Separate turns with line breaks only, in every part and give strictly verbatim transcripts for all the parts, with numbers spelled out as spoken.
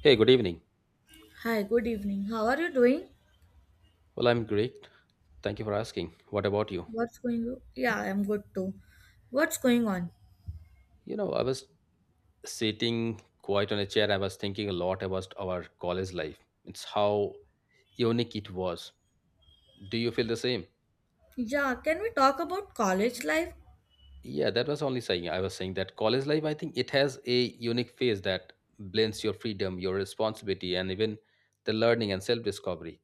Hey, good evening.
Hi, good evening. How are you doing?
Well, I'm great. Thank you for asking. What about you?
What's going on? Yeah, I'm good too. What's going on?
You know, I was sitting quiet on a chair. I was thinking a lot about our college life. It's how unique it was. Do you feel the same?
Yeah, can we talk about college life?
Yeah, that was only saying. I was saying that college life, I think it has a unique phase that blends your freedom, your responsibility, and even the learning and self discovery.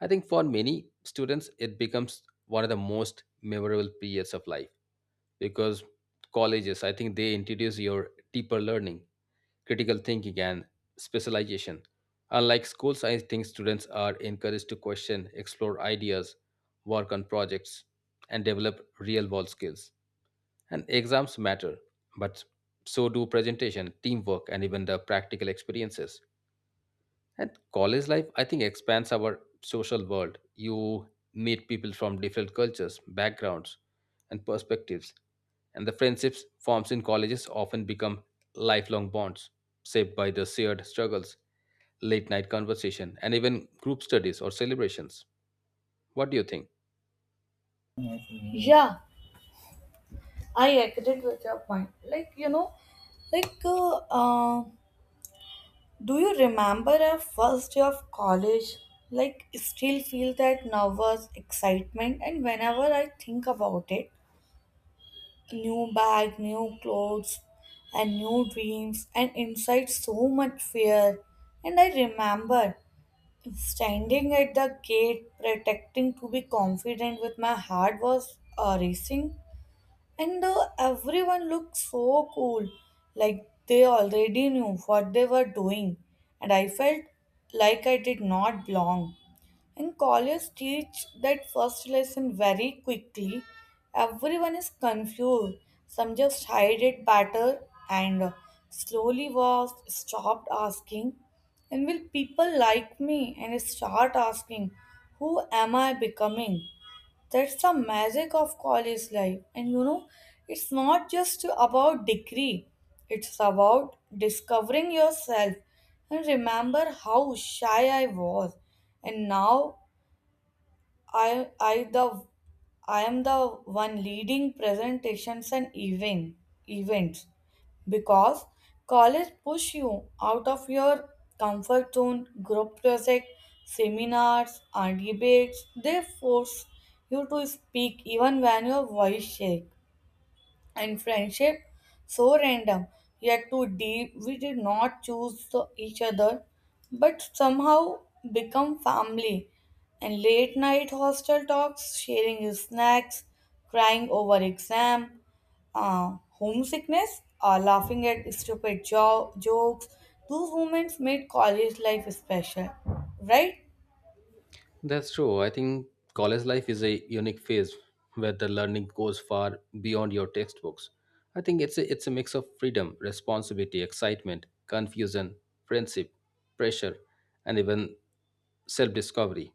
I think for many students, it becomes one of the most memorable periods of life because colleges, I think they introduce your deeper learning, critical thinking, and specialization. Unlike schools, I think students are encouraged to question, explore ideas, work on projects, and develop real world skills. And exams matter, but so do presentation, teamwork, and even the practical experiences. And college life, I think, expands our social world. You meet people from different cultures, backgrounds, and perspectives. And the friendships formed in colleges often become lifelong bonds, shaped by the shared struggles, late night conversation, and even group studies or celebrations. What do you think?
Yeah, I agree with your point. Like, you know, like, uh, uh, do you remember our first day of college? Like, still feel that nervous excitement, and whenever I think about it, new bag, new clothes, and new dreams, and inside so much fear. And I remember standing at the gate, protecting to be confident with my heart was uh, racing. And uh, everyone looked so cool, like they already knew what they were doing. And I felt like I did not belong. And college, teach that first lesson very quickly. Everyone is confused. Some just hide it better and uh, slowly was stopped asking. And will people like me and start asking, who am I becoming? That's the magic of college life. And you know, it's not just about degree, it's about discovering yourself. And remember how shy I was. And now I I the I am the one leading presentations and even events because college push you out of your comfort zone group project seminars and debates they force you to speak even when your voice shake and friendship so random yet too deep we did not choose the- each other but somehow become family and late night hostel talks sharing snacks crying over exam uh, homesickness uh, laughing at stupid jo- jokes those moments made college life special, right?
That's true. I think college life is a unique phase where the learning goes far beyond your textbooks. I think it's a, it's a mix of freedom, responsibility, excitement, confusion, friendship, pressure, and even self discovery.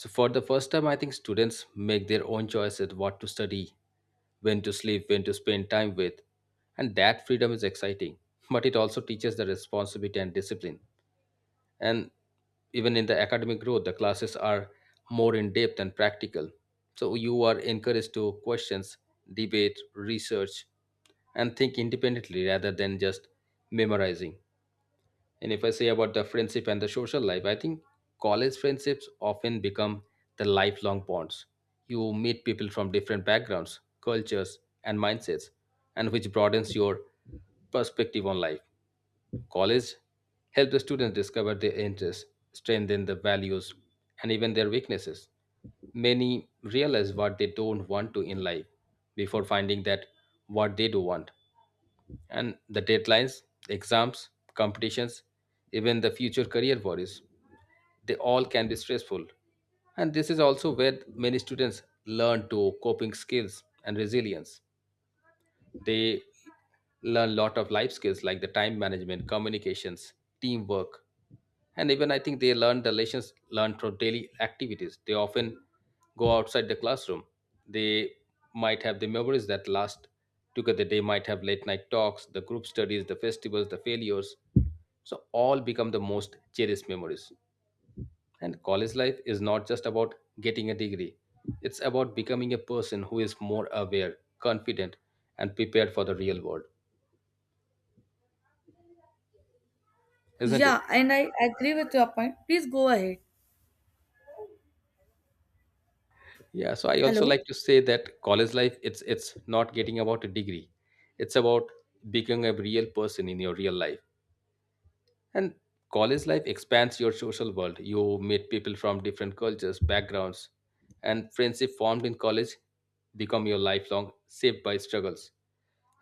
So for the first time, I think students make their own choices: what to study, when to sleep, when to spend time with. And that freedom is exciting, but it also teaches the responsibility and discipline. And even in the academic growth, the classes are more in depth and practical. So you are encouraged to questions, debate, research, and think independently rather than just memorizing. And if I say about the friendship and the social life, I think college friendships often become the lifelong bonds. You meet people from different backgrounds, cultures, and mindsets, and which broadens your perspective on life. College helps the students discover their interests, strengthen their values, and even their weaknesses. Many realize what they don't want to in life before finding that what they do want. And the deadlines, exams, competitions, even the future career worries, they all can be stressful. And this is also where many students learn to coping skills and resilience. They learn a lot of life skills, like the time management, communications, teamwork, and even I think they learn the lessons learned from daily activities. They often go outside the classroom. They might have the memories that last together. They might have late night talks, the group studies, the festivals, the failures. So all become the most cherished memories. And college life is not just about getting a degree, it's about becoming a person who is more aware, confident, and prepared for the real world, isn't it?
Yeah, and I agree with your point, please go ahead.
Yeah, so I also like
Hello.
to say that college life, it's it's not getting about a degree. It's about becoming a real person in your real life. And college life expands your social world. You meet people from different cultures, backgrounds, and friendship formed in college become your lifelong, shaped by struggles.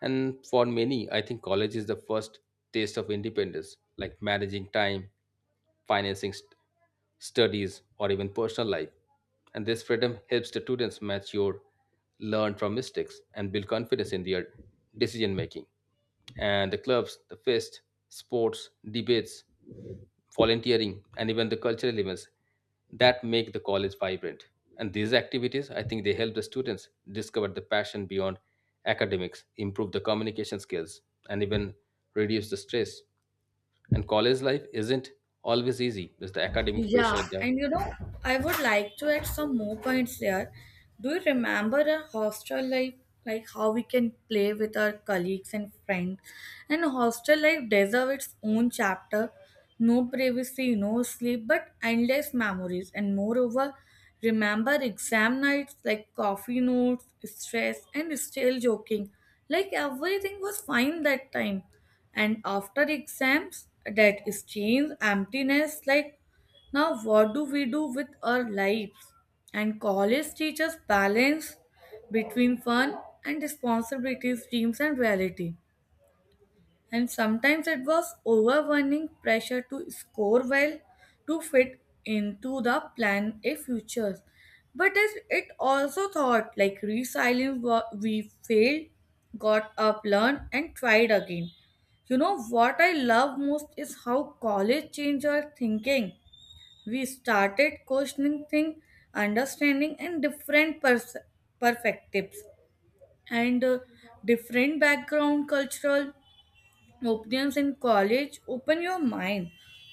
And for many, I think college is the first taste of independence, like managing time, financing, st- studies, or even personal life. And this freedom helps the students mature, learn from mistakes, and build confidence in their decision making. And the clubs, the fest, sports, debates, volunteering, and even the cultural events that make the college vibrant. And these activities, I think they help the students discover the passion beyond academics, improve the communication skills, and even reduce the stress. And college life isn't always easy. There's the academic
Yeah,
pressure there.
and you know, I would like to add some more points there. Do you remember a hostel life? Like how we can play with our colleagues and friends. And hostel life deserves its own chapter. No privacy, no sleep, but endless memories. And moreover, remember exam nights like coffee notes, stress, and still joking. Like everything was fine that time. And after exams, that strange emptiness like now, what do we do with our lives? And college teaches balance between fun and responsibilities, dreams, and reality. And sometimes it was overwhelming pressure to score well to fit into the plan a future. But it, it also taught like resilience, wa- we failed, got up, learned, and tried again. You know what I love most is how college changed our thinking, we started questioning things, understanding, and different pers- perspectives and uh, different background, cultural opinions in college. Open your mind,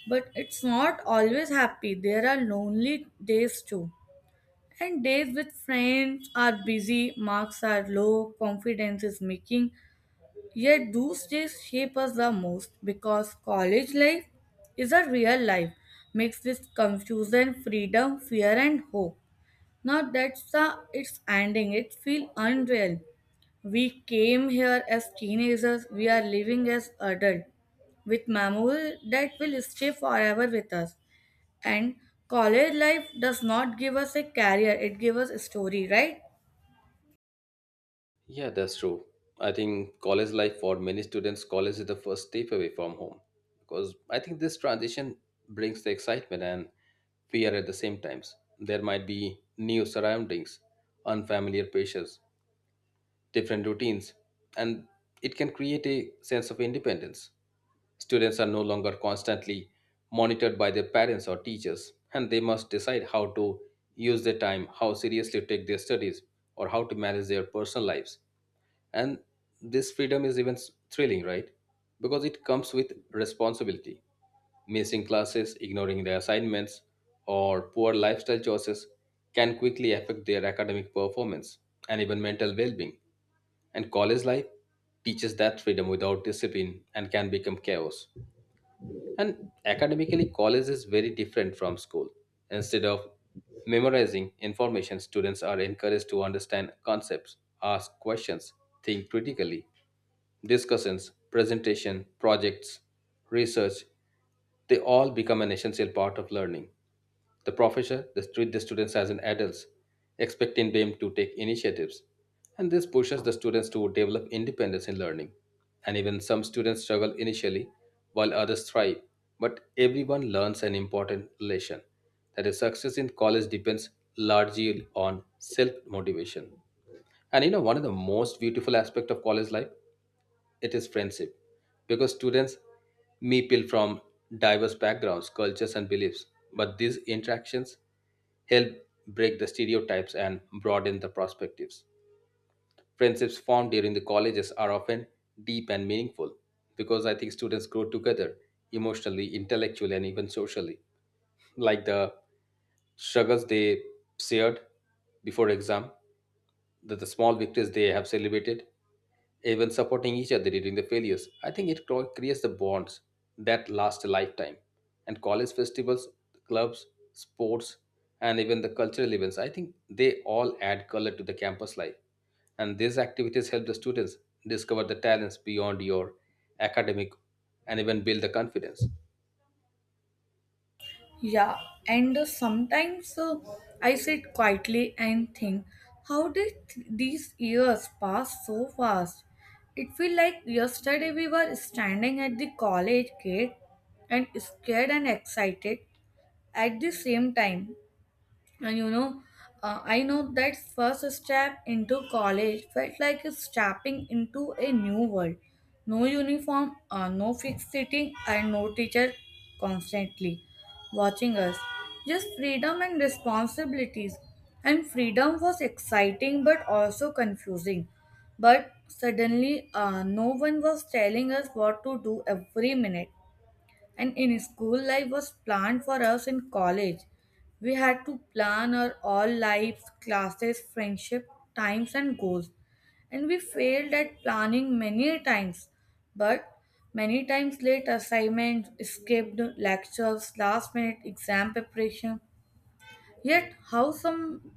but it's not always happy. There are lonely days too. And days with friends are busy, marks are low, confidence is making, yet those days shape us the most because college life is a real life mixed with confusion, freedom, fear, and hope. Now that's the it's ending. It feels unreal. We came here as teenagers. We are living as adults with memories that will stay forever with us. And college life does not give us a career; it gives us a story, right?
Yeah, that's true. I think college life, for many students, college is the first step away from home because I think this transition brings the excitement and fear at the same times. There might be new surroundings, unfamiliar pressures, different routines, and it can create a sense of independence. Students are no longer constantly monitored by their parents or teachers, and they must decide how to use their time, how seriously to take their studies, or how to manage their personal lives. And this freedom is even s- thrilling, right? Because it comes with responsibility. Missing classes, ignoring their assignments, or poor lifestyle choices can quickly affect their academic performance and even mental well being. And college life teaches that freedom without discipline and can become chaos. And academically, college is very different from school. Instead of memorizing information, students are encouraged to understand concepts, ask questions, think critically. Discussions, presentation, projects, research, they all become an essential part of learning. The professor, they treat the students as an adults, expecting them to take initiatives, and this pushes the students to develop independence in learning. And even some students struggle initially, while others thrive. But everyone learns an important lesson, that is success in college depends largely on self motivation. And you know, one of the most beautiful aspects of college life, it is friendship, because students meet people from diverse backgrounds, cultures, and beliefs. But these interactions help break the stereotypes and broaden the perspectives. Friendships formed during the colleges are often deep and meaningful because I think students grow together emotionally, intellectually, and even socially. Like the struggles they shared before exam, the, the small victories they have celebrated, even supporting each other during the failures. I think it cro- creates the bonds that last a lifetime. And college festivals, clubs, sports, and even the cultural events, I think they all add color to the campus life. And these activities help the students discover the talents beyond your academic and even build the confidence.
Yeah, and uh, sometimes uh, I sit quietly and think, how did th- these years pass so fast? It feels like yesterday we were standing at the college gate and scared and excited at the same time. And you know, uh, I know that first step into college felt like stepping into a new world. No uniform, uh, no fixed sitting, and no teacher constantly watching us. Just freedom and responsibilities. And freedom was exciting but also confusing. But suddenly, uh, no one was telling us what to do every minute. And in school, life was planned for us in college. We had to plan our all lives, classes, friendship, times, and goals. And we failed at planning many times. But many times late assignments, skipped lectures, last minute exam preparation. Yet, how some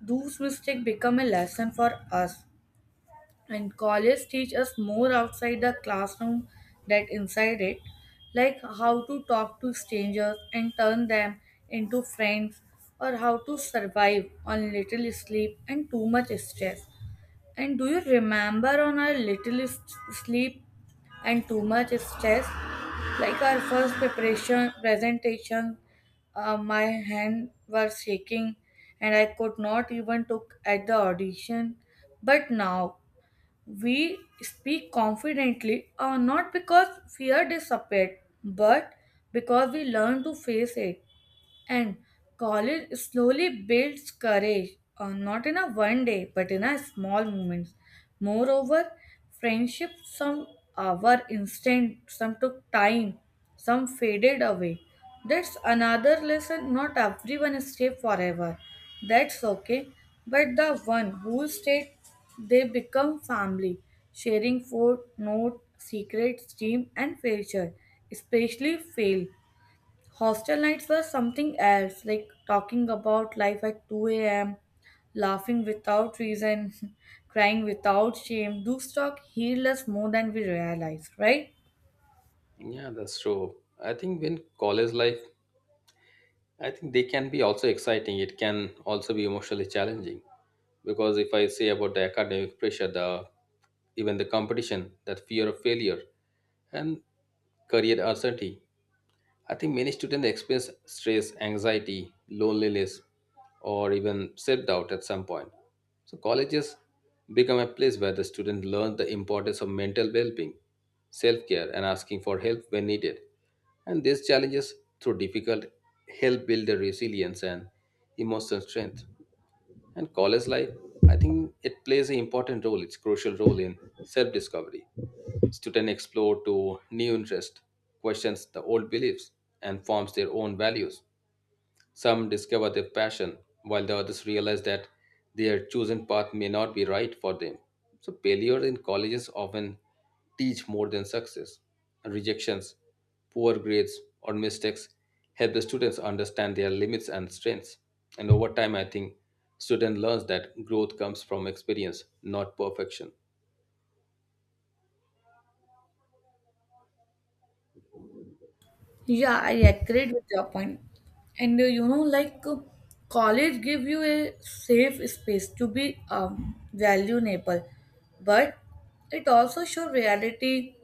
those mistakes become a lesson for us and college teach us more outside the classroom than inside it like how to talk to strangers and turn them into friends or how to survive on little sleep and too much stress and do you remember on our little s- sleep and too much stress like our first preparation presentation, uh, my hand were shaking and I could not even took at the audition but now we speak confidently, uh, not because fear disappeared, but because we learn to face it. And college slowly builds courage, uh, not in a one day, but in a small moments. Moreover, friendship some uh, were instant, some took time, some faded away. That's another lesson. Not everyone stay forever. That's okay. But the one who stayed, they become family, sharing food, note, secrets, dream, and future, especially fail. Hostel nights were something else, like talking about life at two a m, laughing without reason, crying without shame. Those talk healed us more than we realize, right?
Yeah, that's true. I think when college life, I think they can be also exciting. It can also be emotionally challenging because if I say about the academic pressure, the even the competition, that fear of failure, and career uncertainty, I think many students experience stress, anxiety, loneliness, or even self doubt at some point. So, colleges become a place where the students learn the importance of mental well being, self care, and asking for help when needed. And these challenges, through difficult help, build their resilience and emotional strength. And college life, I think it plays an important role, it's crucial role in self-discovery. Students explore to new interest, questions the old beliefs, and forms their own values. Some discover their passion, while the others realize that their chosen path may not be right for them. So, failure in colleges often teach more than success. Rejections, poor grades, or mistakes help the students understand their limits and strengths. And over time, I think student learns that growth comes from experience, not perfection.
Yeah, I agreed with your point. And uh, you know, like uh, college give you a safe space to be um, valuable, but it also show reality,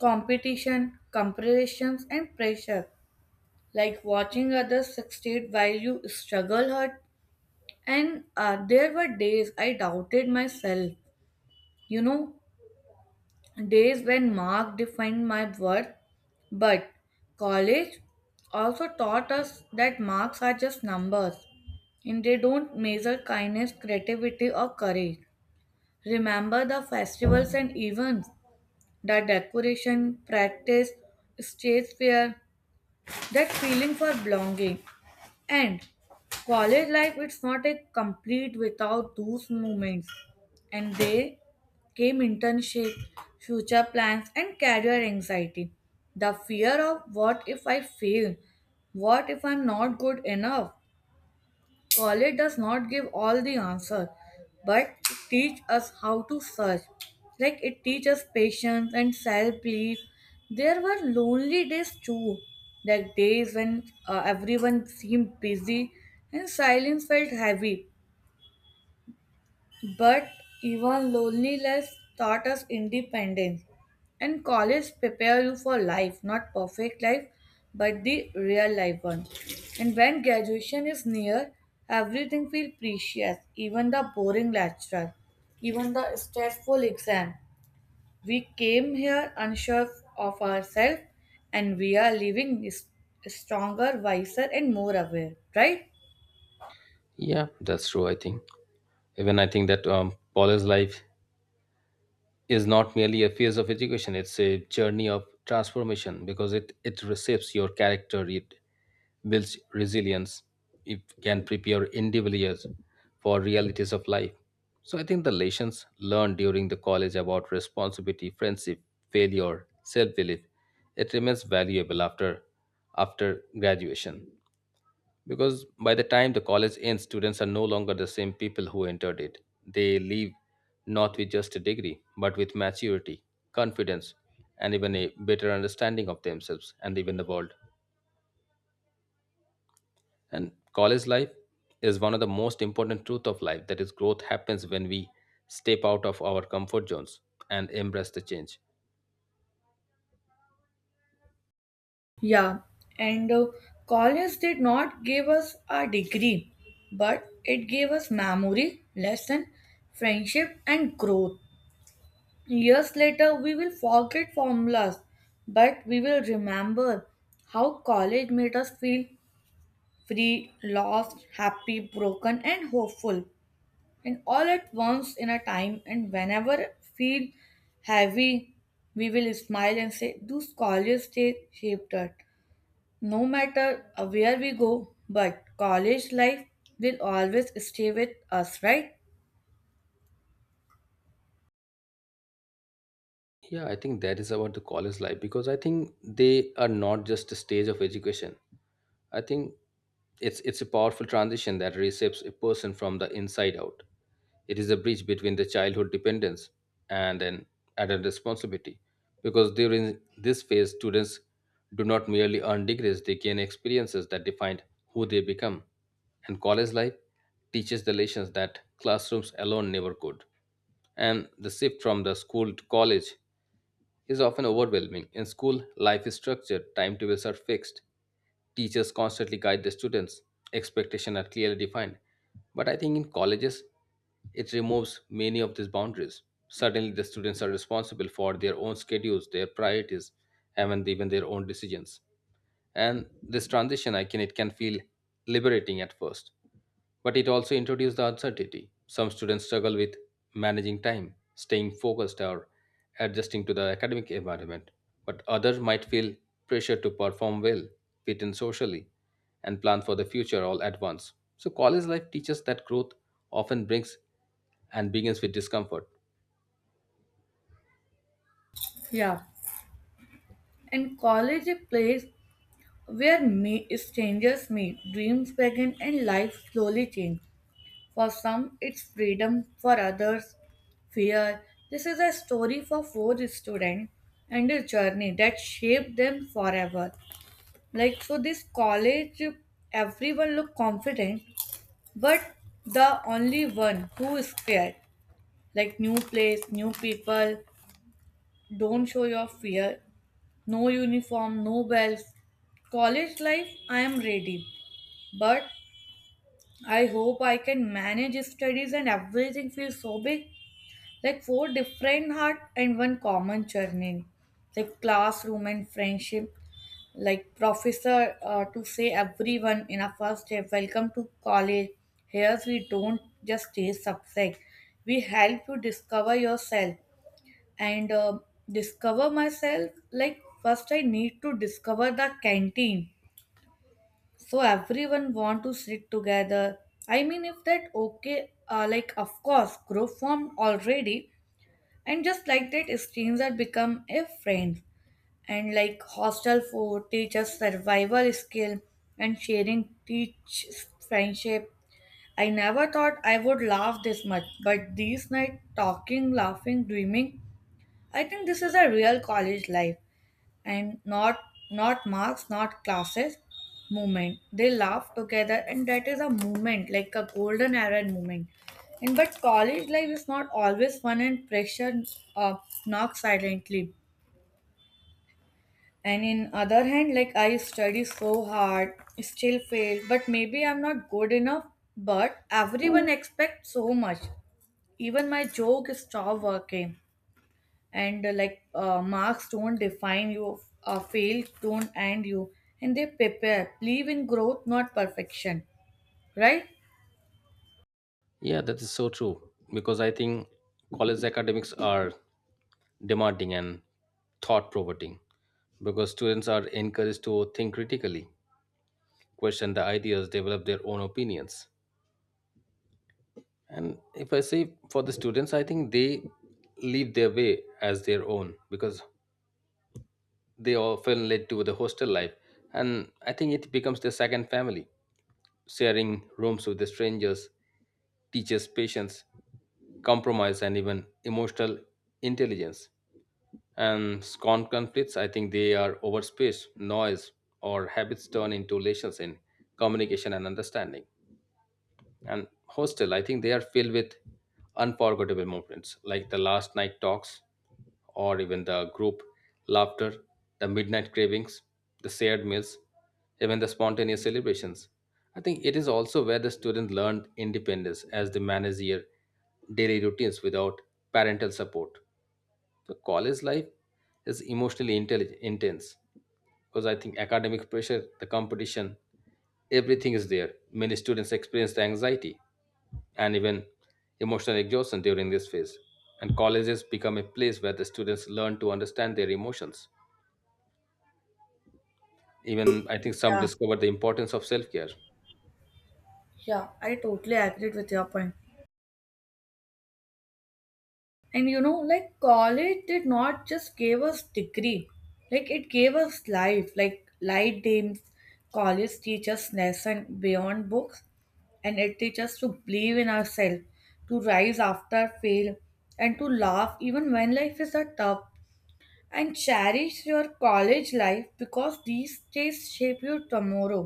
competition, comparisons, and pressure. Like watching others succeed while you struggle hurt and uh, there were days I doubted myself, you know, days when mark defined my worth, but college also taught us that marks are just numbers and they don't measure kindness creativity or courage. Remember the festivals and events, the decoration practice, stage fear, that feeling for belonging. And college life, it's not a complete without those moments. And they came internship, future plans, and career anxiety. The fear of what if I fail? What if I'm not good enough? College does not give all the answer, but it teach us how to search. Like it teaches patience and self-belief. There were lonely days too, like days when uh, everyone seemed busy and silence felt heavy. But even loneliness taught us independence. And college prepare you for life, not perfect life, but the real life one. And when graduation is near, everything feels precious, even the boring lecture, even the stressful exam. We came here unsure of ourselves and we are living s- stronger, wiser, and more aware, right?
Yeah, that's true. I think even I think that um, college life is not merely a phase of education, it's a journey of transformation because it it reshapes your character, it builds resilience, it can prepare individuals for realities of life. So I think the lessons learned during the college about responsibility, friendship, failure, self-belief, it remains valuable after after graduation, because by the time the college ends, students are no longer the same people who entered it. They leave not with just a degree, but with maturity, confidence, and even a better understanding of themselves and even the world. And college life is one of the most important truth of life, that is growth happens when we step out of our comfort zones and embrace the change.
Yeah, and uh, college did not give us a degree, but it gave us memory, lesson, friendship, and growth. Years later, we will forget formulas, but we will remember how college made us feel free, lost, happy, broken, and hopeful, and all at once in a time. And whenever feel heavy, we will smile and say, "Those college days shaped us." No matter uh, where we go, but college life will always stay with us, right?
Yeah, I think that is about the college life, because I think they are not just a stage of education. I think it's it's a powerful transition that reshapes a person from the inside out. It is a bridge between the childhood dependence and an adult responsibility. Because during this phase, students do not merely earn degrees, they gain experiences that define who they become. And college life teaches the lessons that classrooms alone never could. And the shift from the school to college is often overwhelming. In school, life is structured, timetables are fixed, teachers constantly guide the students, expectations are clearly defined. But I think in colleges, it removes many of these boundaries. Suddenly, the students are responsible for their own schedules, their priorities, and even their own decisions. And this transition, I can it can feel liberating at first, but it also introduces the uncertainty. Some students struggle with managing time, staying focused, or adjusting to the academic environment, but others might feel pressure to perform well, fit in socially, and plan for the future all at once. So, college life teaches that growth often brings and begins with discomfort.
Yeah. And college is a place where me strangers meet, dreams begin, and life slowly change. For some, it's freedom. For others, fear. This is a story for four students and a journey that shaped them forever. Like so, this college, everyone look confident, but the only one who is scared. Like new place, new people. Don't show your fear. No uniform, no bells. College life, I am ready, but I hope I can manage studies and everything feels so big. Like four different heart and one common churning, like classroom and friendship. Like professor uh, to say everyone in a first day, welcome to college. Here we don't just teach subject. We help you discover yourself and uh, discover myself like first I need to discover the canteen so everyone want to sit together. I mean if that okay, uh, like of course group formed already and just like that stranger become a friend and like hostel food teaches survival skill and sharing teach friendship. I never thought I would laugh this much but these night talking laughing dreaming I think this is a real college life and not not marks not classes movement they laugh together and that is a moment like a golden era moment. And but college life is not always fun and pressure, uh, knocks silently and in other hand like I study so hard still fail but maybe I'm not good enough but everyone expects so much even my joke stopped working and uh, like uh, marks don't define you, uh, fail don't end you and they prepare believe in growth not perfection, right?
Yeah, that is so true, because I think college academics are demanding and thought provoking because students are encouraged to think critically, question the ideas, develop their own opinions. And if I say for the students, I think they live their way as their own because they often led to the hostel life. And I think it becomes their second family, sharing rooms with the strangers, teaches patience, compromise, and even emotional intelligence. And con conflicts, I think they are over space, noise, or habits turn into relations in communication and understanding. And hostel, I think they are filled with unforgettable moments, like the last night talks or even the group laughter, the midnight cravings, the shared meals, even the spontaneous celebrations. I think it is also where the student learned independence as they manage their daily routines without parental support. The college life is emotionally intelli- intense because I think academic pressure, the competition, everything is there. Many students experience the anxiety and even emotional exhaustion during this phase. And colleges become a place where the students learn to understand their emotions. Even I think some
Yeah,
discover the importance of self care.
yeah, I totally agreed with your point point. And you know like college did not just give us degree like it gave us life like light games. College teaches lesson beyond books and it teaches to believe in ourselves to rise after fail and to laugh even when life is a tough and cherish your college life because these days shape your tomorrow.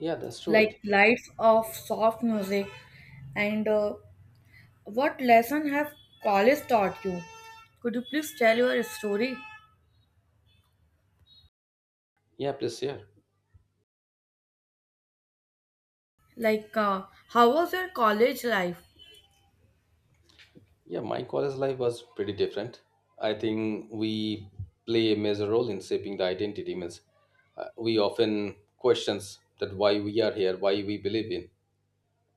Yeah, that's true. I
Like
think.
lights of soft music and uh, what lesson have college taught you, could you please tell your story?
Yeah, please share.
Like uh, how was your college life?
Yeah. My college life was pretty different. I think we play a major role in shaping the identity. Means uh, we often questions that why we are here, why we believe in,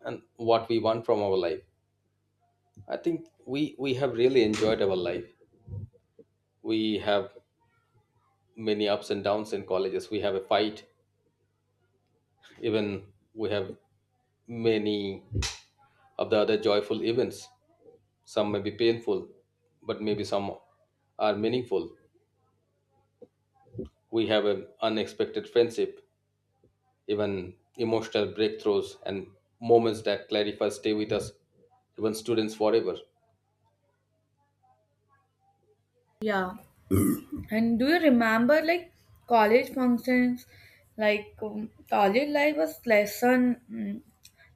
and what we want from our life. I think we we have really enjoyed our life. We have many ups and downs in colleges. We have a fight, even we have many of the other joyful events. Some may be painful, but maybe some are meaningful. We have an unexpected friendship, even emotional breakthroughs and moments that clarify stay with us, even students forever.
Yeah, and do you remember like college functions like um, college life was lesson, mm,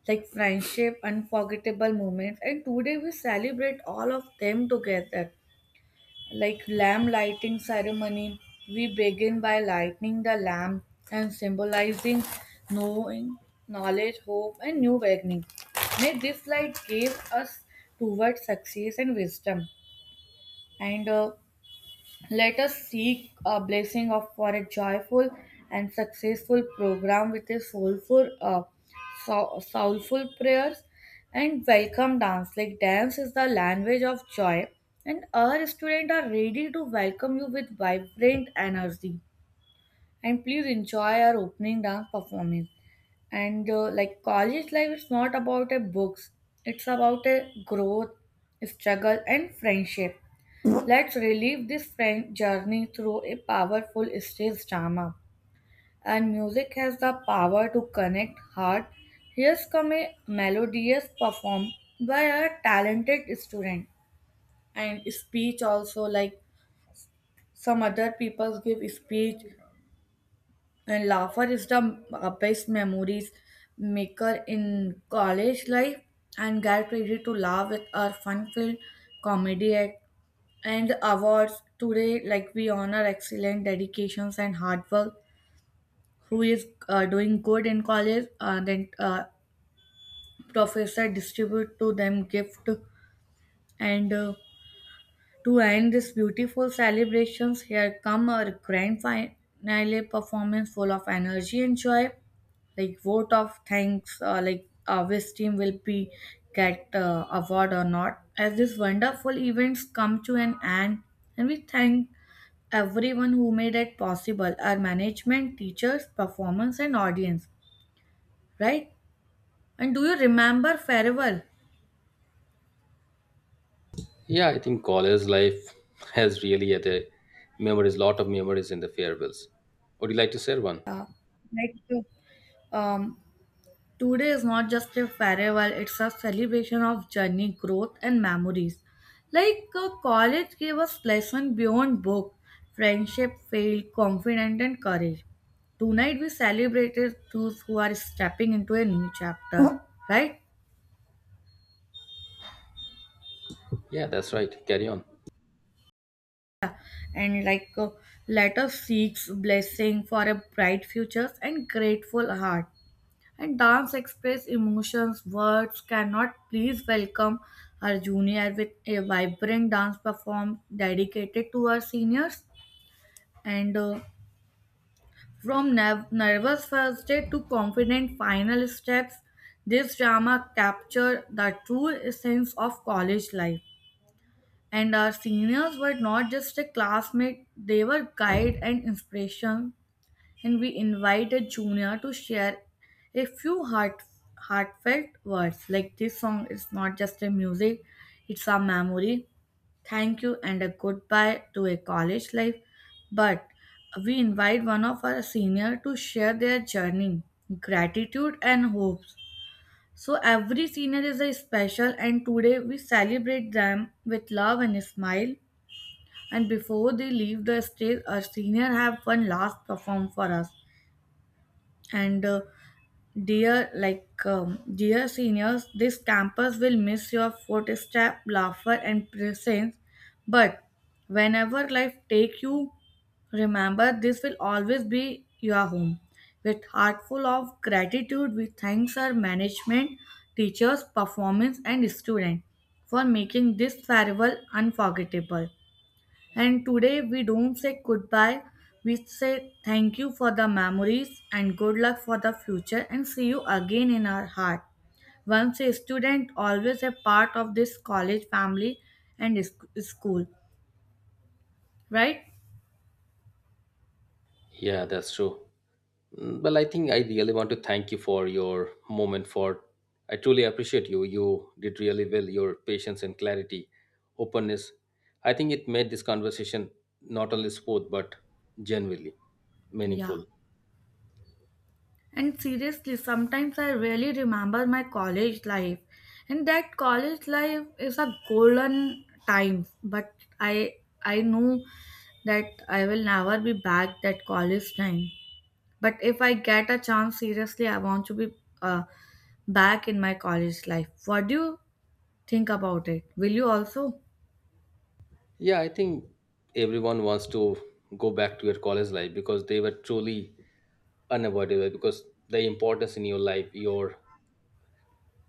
like friendship, unforgettable moments, and today we celebrate all of them together. Like lamp lighting ceremony, we begin by lighting the lamp and symbolizing knowing, knowledge, hope, and new beginning. May this light give us towards success and wisdom. And uh, Let us seek a blessing of for a joyful and successful program with a soulful, uh, sou- soulful prayers and welcome dance. Like dance is the language of joy, and our students are ready to welcome you with vibrant energy. And please enjoy our opening dance performance and uh, like college life is not about a books, it's about a growth, struggle and friendship. Let's relive this friend journey through a powerful stage drama, and music has the power to connect heart. Here's come a melodious perform by a talented student, and speech also, like some other people give speech. And laughter is the uh, best memories maker in college life, and get ready to laugh with our fun-filled comedy act. And awards today, like we honor excellent dedications and hard work, who is uh, doing good in college, uh, then uh, professor distribute to them gift. And uh, To end this beautiful celebrations, here come our grand finale performance full of energy and joy. Like vote of thanks, uh, like uh, which team will be get uh, award or not, as these wonderful events come to an end, and we thank everyone who made it possible: our management, teachers, performance, and audience, right? And do you remember farewell?
Yeah, I think college life has really had a memories, lot of memories in the farewells. Would you like to share one?
uh, like um Today is not just a farewell, it's a celebration of journey, growth, and memories. Like uh, college gave us lessons beyond book, friendship, faith, confidence, and courage. Tonight we celebrated those who are stepping into a new chapter, right?
Yeah, that's right. Carry on.
And like uh, let us seek blessing for a bright future and grateful heart. And dance express emotions words cannot, please welcome our junior with a vibrant dance perform dedicated to our seniors. And uh, From nerv- nervous first day to confident final steps, this drama captured the true essence of college life. And our seniors were not just a classmate, they were guide and inspiration, and we invited Junior to share a few heart, heartfelt words. Like this song is not just a music, it's a memory. Thank you and a goodbye to a college life. But we invite one of our senior to share their journey, gratitude and hopes. So every senior is a special and today we celebrate them with love and a smile. And before they leave the stage, our senior have one last perform for us. And uh, Dear, like, um, dear seniors, this campus will miss your footstep, laughter, and presence. But whenever life take you, remember this will always be your home. With heart full of gratitude, we thanks our management, teachers, performance, and student for making this farewell unforgettable. And today we don't say goodbye, we say thank you for the memories and good luck for the future and see you again in our heart. Once a student, always a part of this college family and sc- school, right?
Yeah, that's true. Mm, well, I think I really want to thank you for your moment for I truly appreciate you. You did really well, your patience and clarity, openness. I think it made this conversation not only smooth but genuinely
Yeah.
meaningful.
And seriously, sometimes I really remember my college life. And that college life is a golden time, but I I know that I will never be back that college time. But if I get a chance, seriously, I want to be uh, back in my college life. What do you think about it? Will you also?
Yeah, I think everyone wants to go back to your college life because they were truly unavoidable because the importance in your life, your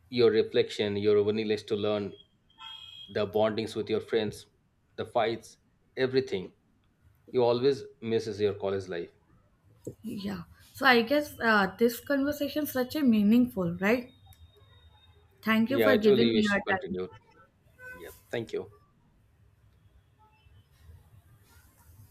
your reflection, your willingness to learn, the bondings with your friends, the fights, everything. You always misses your college life.
Yeah. So I guess uh, this conversation is such a meaningful, right? Thank you
Yeah,
for
I
giving
truly
me
wish you
your time.
continued. Yeah, thank you.